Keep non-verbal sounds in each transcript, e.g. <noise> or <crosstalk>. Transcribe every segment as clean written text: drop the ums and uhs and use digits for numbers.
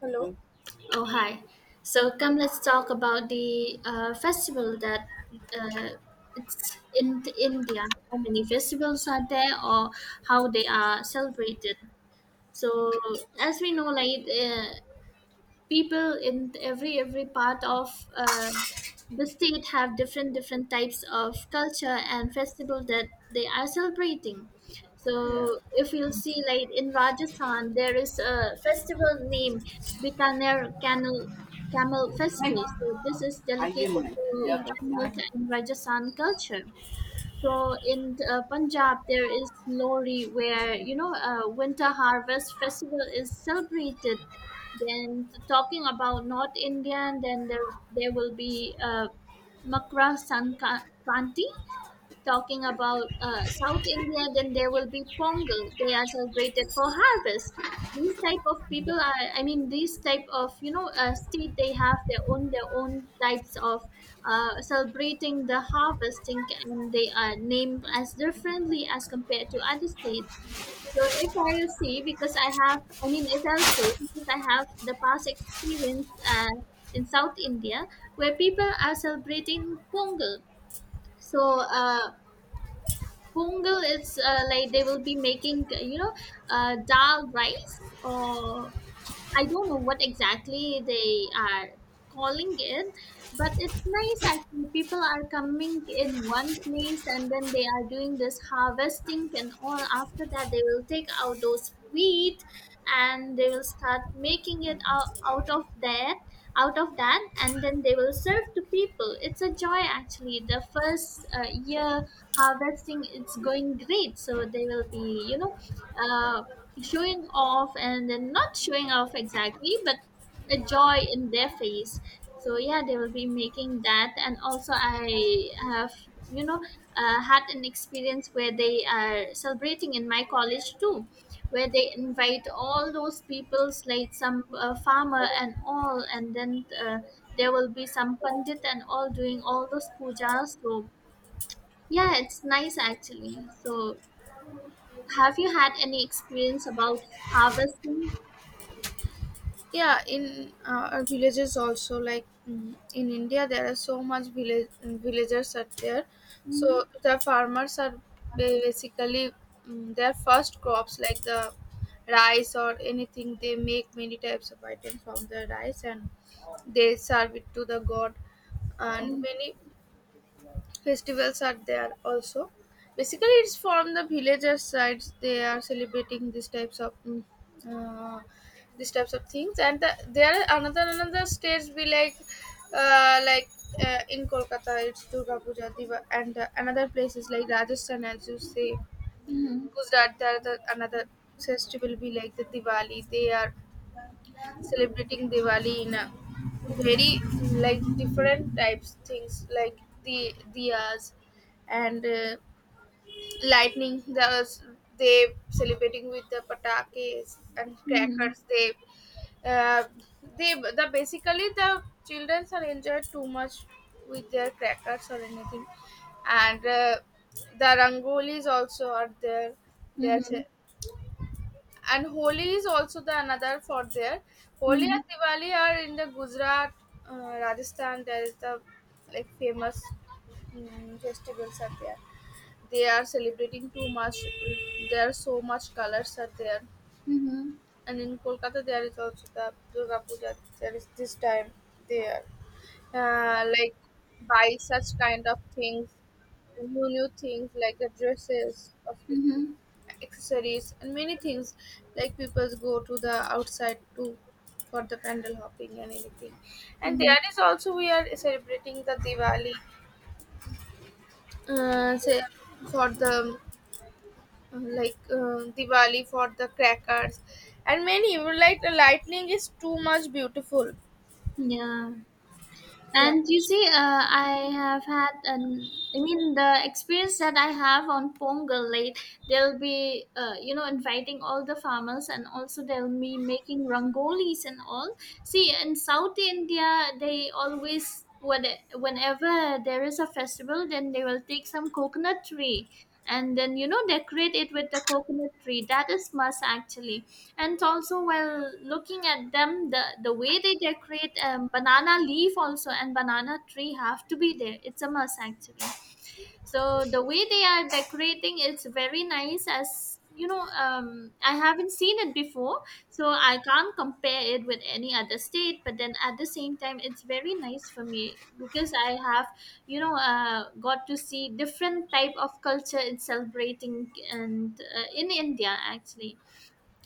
Hello. Oh, hi. So come, let's talk about the festival that uh, it's in India. How many festivals are there, or how they are celebrated? So as we know, like people in every part of the state have different different types of culture and festival that they are celebrating. Yeah. So if you'll see, like in Rajasthan there is a festival named Bikaner camel festival. So this is highway dedicated money. to Yeah, Yeah. but camel yeah, and Rajasthan culture. So in Punjab, there is Lohri, where winter harvest festival is celebrated. Then talking about North Indian, then there will be Makra Sankranti. Talking about South India, then there will be Pongal. They are celebrated for harvest. These type of yeah. people are, I mean, these type of state, they have their own types of celebrating the harvesting, and they are named as differently as compared to other states. So if I'll see, because I have, I mean, if I'll say, because I have the past experience in South India, where people are celebrating Pongal. So Pongal is like they will be making, dal rice, or I don't know what exactly they are calling it, but it's nice actually. People are coming in one place and then they are doing this harvesting and all. After that, they will take out those wheat and they will start making it out of that, and then they will serve to people. It's a joy actually. The first year harvesting, it's going great. So they will be uh, showing off, and then not showing off exactly, but a joy in their face. So yeah, they will be making that. And also, I have had an experience where they are celebrating in my college too, where they invite all those peoples, like some farmer and all, and then there will be some pandit and all doing all those pujas. So yeah, it's nice actually. So have you had any experience about harvesting? Yeah. In our villages also, like in India, there are so much village villagers are there. Mhm, So the farmers are basically their first crops, like the rice or anything. They make many types of items from the rice and they serve it to the god. And mhm, many Festivals are there also. Basically, it's from the villagers' sides. They are celebrating these types of uh, these types of things, and the, there are another states be like uh, like in Kolkata it's Durga Puja, Diva, and another places like Rajasthan as you say, Gujarat there are the, another festival be like the Diwali. They are celebrating Diwali in a very like different types things like the diyas and lightning. Those they celebrating with the patakes and mhm, crackers. Uh, they the basically the children are enjoyed too much with their crackers or anything, and the rangolis also are there. They are mhm, ce- and Holi is also the another for there. Holi mhm, and Diwali are in the Gujarat, Rajasthan. There is the like famous festivals are there. They are celebrating too much. There are so much colors are there, mhm, and in Kolkata there is also the Durga Puja. There is this time there, like buy such kind of things, new things like the dresses of people, mhm, mhm, accessories and many things like people go to the outside too for the pandal hopping and anything. And mhm. there is also we are celebrating the diwali, say for the diwali for the crackers and many like the lightning is too much beautiful. Yeah. Yeah. And you see, I have had an. I mean, the experience that I have on Pongal late, they'll be, inviting all the farmers, and also they'll be making rangolis and all. See, in South India, they always, whenever there is a festival, then they will take some coconut tree, and then decorate it with the coconut tree. That is must actually. And also, while looking at them, the way they decorate, banana leaf also and banana tree have to be there. It's a must actually. So the way they are decorating is very nice. As you know, I haven't seen it before, so I can't compare it with any other state, but then at the same time, it's very nice for me, because I have got to see different type of culture it's celebrating, and in India actually.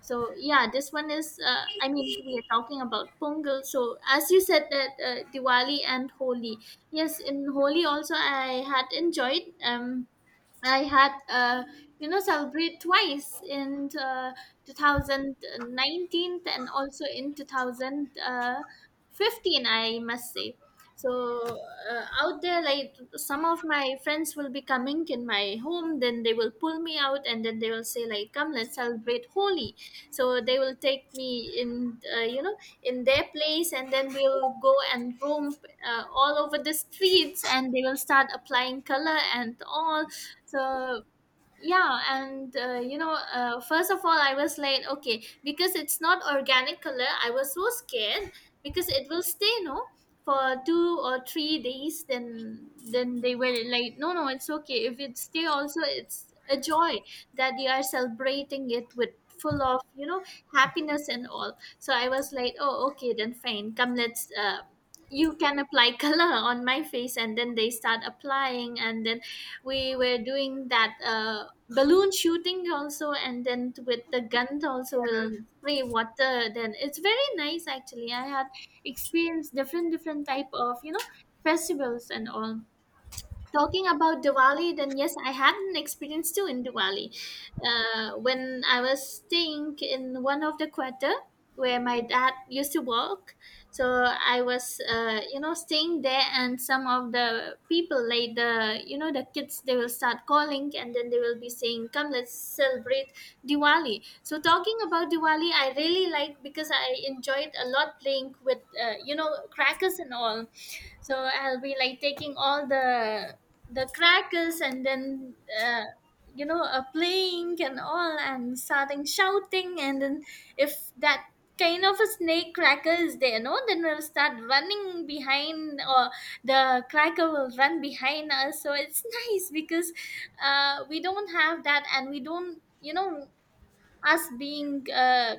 So yeah, this one is I mean, we are talking about Pongal. So as you said, that Diwali and Holi, yes, in Holi also, I had enjoyed. I had celebrate twice in 2019 and also in 2015, I must say. So out there, like some of my friends will be coming in my home, then they will pull me out, and then they will say, like, come, let's celebrate Holi. So they will take me in in their place, and then we'll go and roam all over the streets, and they will start applying color and all. So yeah, and first of all, I was like, okay, because it's not organic color, I was so scared because it will stay no for 2 or 3 days. Then they were like, no, no, it's okay. If it stay also, it's a joy that you are celebrating it with full of happiness and all. So I was like, oh, okay, then fine, come, let's you can apply <laughs> color on my face. And then they start applying, and then we were doing that balloon shooting also, and then with the gun also we'll spray water, then it's very nice actually. I had experienced different different type of festivals and all. Talking about Diwali, then yes, I had an experience too in Diwali when I was staying in one of the quarter where my dad used to work. So I was staying there, and some of the people, like the you know the kids, they will start calling, and then they will be saying, come, let's celebrate Diwali. So talking about Diwali, I really like, because I enjoyed a lot playing with crackers and all. So I'll be like taking all the crackers, and then uh, playing and all, and starting shouting. And then if that kind of a snake cracker is there no, then we'll start running behind, or the cracker will run behind us, so it's <laughs> nice, because we don't have that. And we don't, us being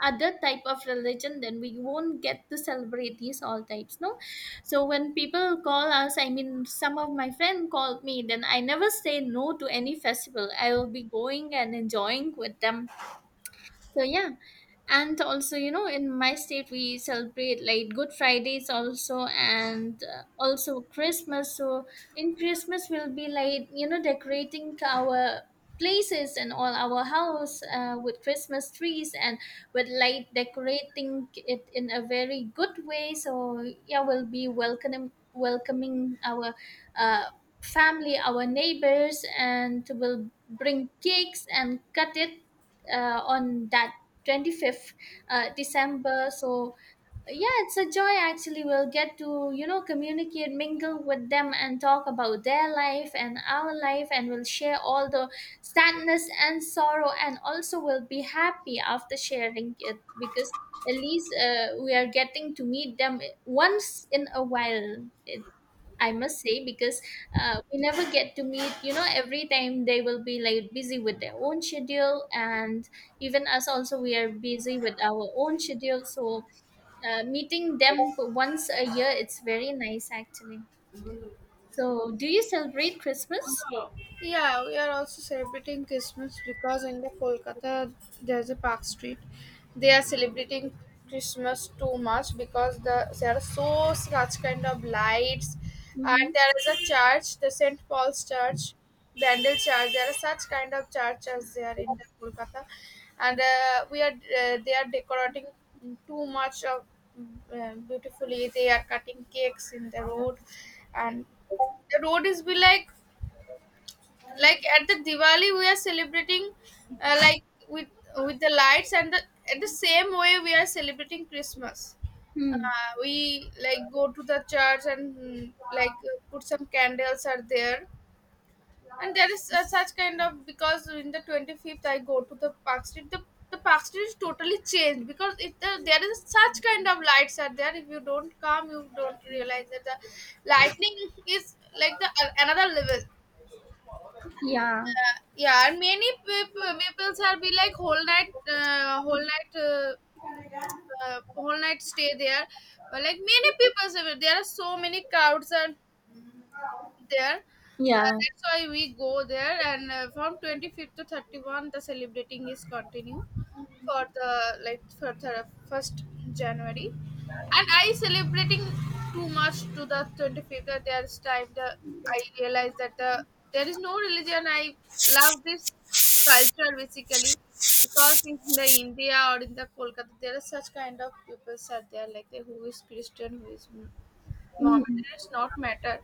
other type of religion, then we won't get to celebrate these all types no. So when people call us, I mean, some of my friend called me, then I never say no to any festival. I will be going and enjoying with them. So yeah, and also in my state we celebrate like Good Fridays also, and also Christmas. So in Christmas, we'll be like decorating our places and all, our house with Christmas trees and with light, decorating it in a very good way. So yeah, we'll be welcoming our uh, family, our neighbors, and we'll bring cakes and cut it on that 25th December. So yeah, it's a joy actually. We'll get to communicate, mingle with them, and talk about their life and our life, and we'll share all the sadness and sorrow, and also we'll be happy after sharing it, because at least we are getting to meet them once in a while, it, I must say, because we never get to meet. Every time they will be like busy with their own schedule, and even us also, we are busy with our own schedule. So meeting them for once a year, it's very nice actually. So do you celebrate Christmas? Yeah, we are also celebrating Christmas because in the Kolkata there's a Park Street. They are celebrating Christmas too much because the there are so such kind of lights, and Mm-hmm. there is a church, the Saint Paul's Church, Bandel Church. There are such kind of churches there in the Kolkata, and we are they are decorating too much of beautifully. They are cutting cakes in the road, and the road is be like at the Diwali we are celebrating like with the lights and the at the same way we are celebrating Christmas. Hmm. Uh, we like go to the church and like put some candles are there, and there is such kind of because in the 25th I go to the park street, the park street is totally changed because it, there is such kind of lights are there. If you don't come you don't realize that the lightning is like the another level. Yeah. Yeah. And many people peoples are be like whole night, uh, whole night, uh, whole night stay there. But like many people, there are so many crowds and there. Yeah. That's why we go there, and from 25th to 31st, the celebrating is continue for the like for the first January, and I celebrating too much to the 25th. That there's time the I realize that the there is no religion. I love this culture basically because in the India or in the Kolkata there are such kind of people are there like who is Christian, who is moment. It's not matter.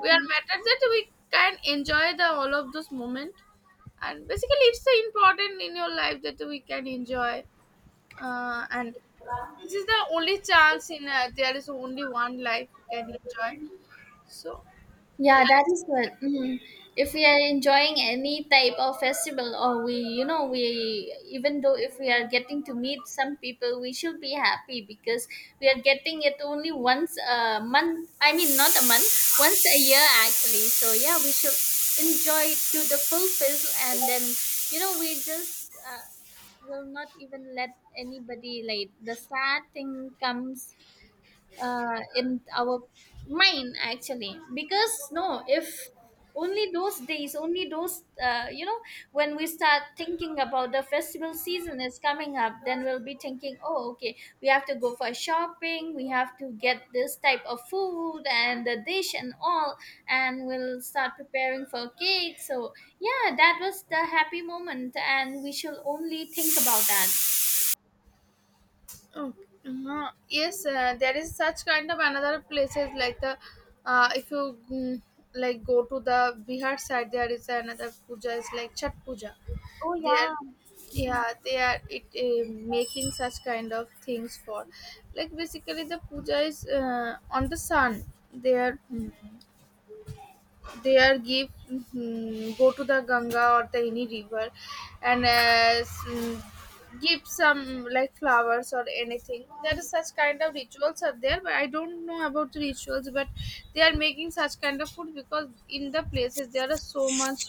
We are matter that we can enjoy the all of this moment. And basically, it's the important in your life that we can enjoy. And this is the only chance in there is only one life you can enjoy. So, Yeah, that is good. yeah. Mhm. If we are enjoying any type of festival, or we even though, if we are getting to meet some people, we should be happy, because we are getting it only once a month. I mean, not a month, once a year actually. So yeah, we should enjoy it to the full fizz, and then we just will not even let anybody like the sad thing comes in our mind actually, because no, if only those days, only those when we start thinking about the festival season is coming up, then we'll be thinking, oh okay, we have to go for shopping, we have to get this type of food and the dish and all, and we'll start preparing for cake. So yeah, that was the happy moment, and we shall only think about that. Oh, yes, there is such kind of another places like the if you like go to the Bihar side, there is another puja is like Chat Puja. Oh They are yeah. Yeah they are making such kind of things for like basically the puja is on the sun. They are they are give go to the Ganga or the any river, and give some like flowers or anything. There is such kind of rituals are there, but I don't know about the rituals. But they are making such kind of food because in the places there are so much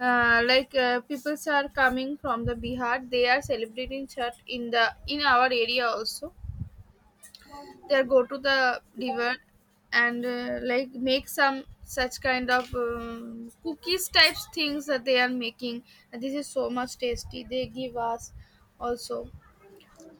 peoples are coming from the Bihar. They are celebrating Chhat in the in our area also they go to the river and like make some such kind of cookies types things that they are making and this is so much tasty they give us also.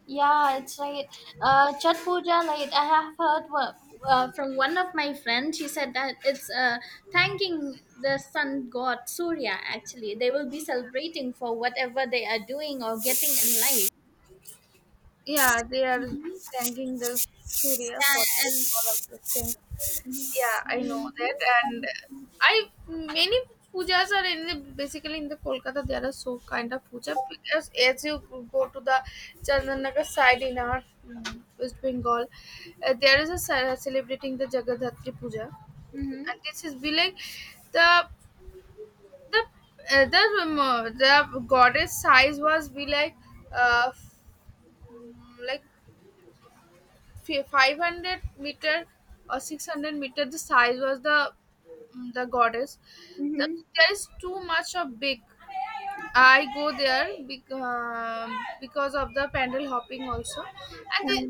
Yeah, it's right. Chhat Puja, like I have heard from one of my friends. She said that it's thanking the sun god Surya. Actually, they will be celebrating for whatever they are doing or getting in life. Yeah they are thanking the surya for Yeah, this, and all of this thing. Yeah I know that, and I many pujas are in the basically in the kolkata there are so kind of puja because as you go to the chandranagar side in our west bengal, there is a celebrating the jagadhatri puja, mm-hmm. Mm-hmm. and this is be like the the the goddess size was be like uh, f- like 500 meter or 600 meter the size was the, the goddess. The, Mm-hmm. there is too much of big. I go there because of the pandal hopping, also and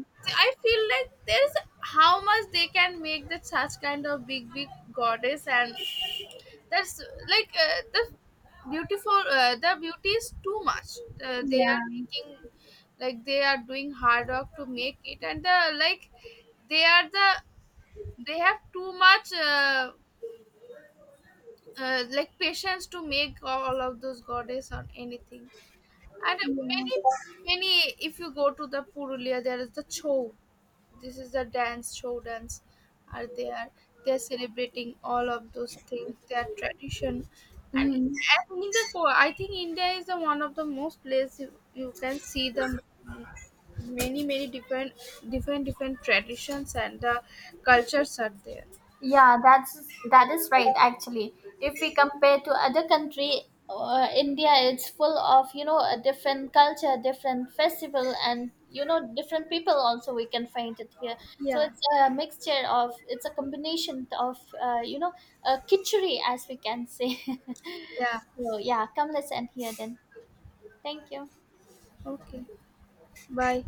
I feel like there's how much they can make that such kind of big goddess, and that's like the beauty is too much they are Yeah. making. Like they are doing hard work to make it, and the like they are the they have too much like patience to make all of those goddess or anything. And if you go to the Purulia, there is the show. This is the dance, show dance are there. They're celebrating all of those things, their tradition. And, Mm-hmm. and in the for I think India is the one of the most place you, you can see the mm, many, different, different traditions and the cultures are there. Yeah, that is right actually. If we compare to other country, India, it's full of a different culture, different festival, and different people also we can find it here. So Yeah, it's a mixture of it's a combination of kitchery, as we can say. yeah. <laughs> So yeah, come, let's end here then. Thank you. Okay. Bye.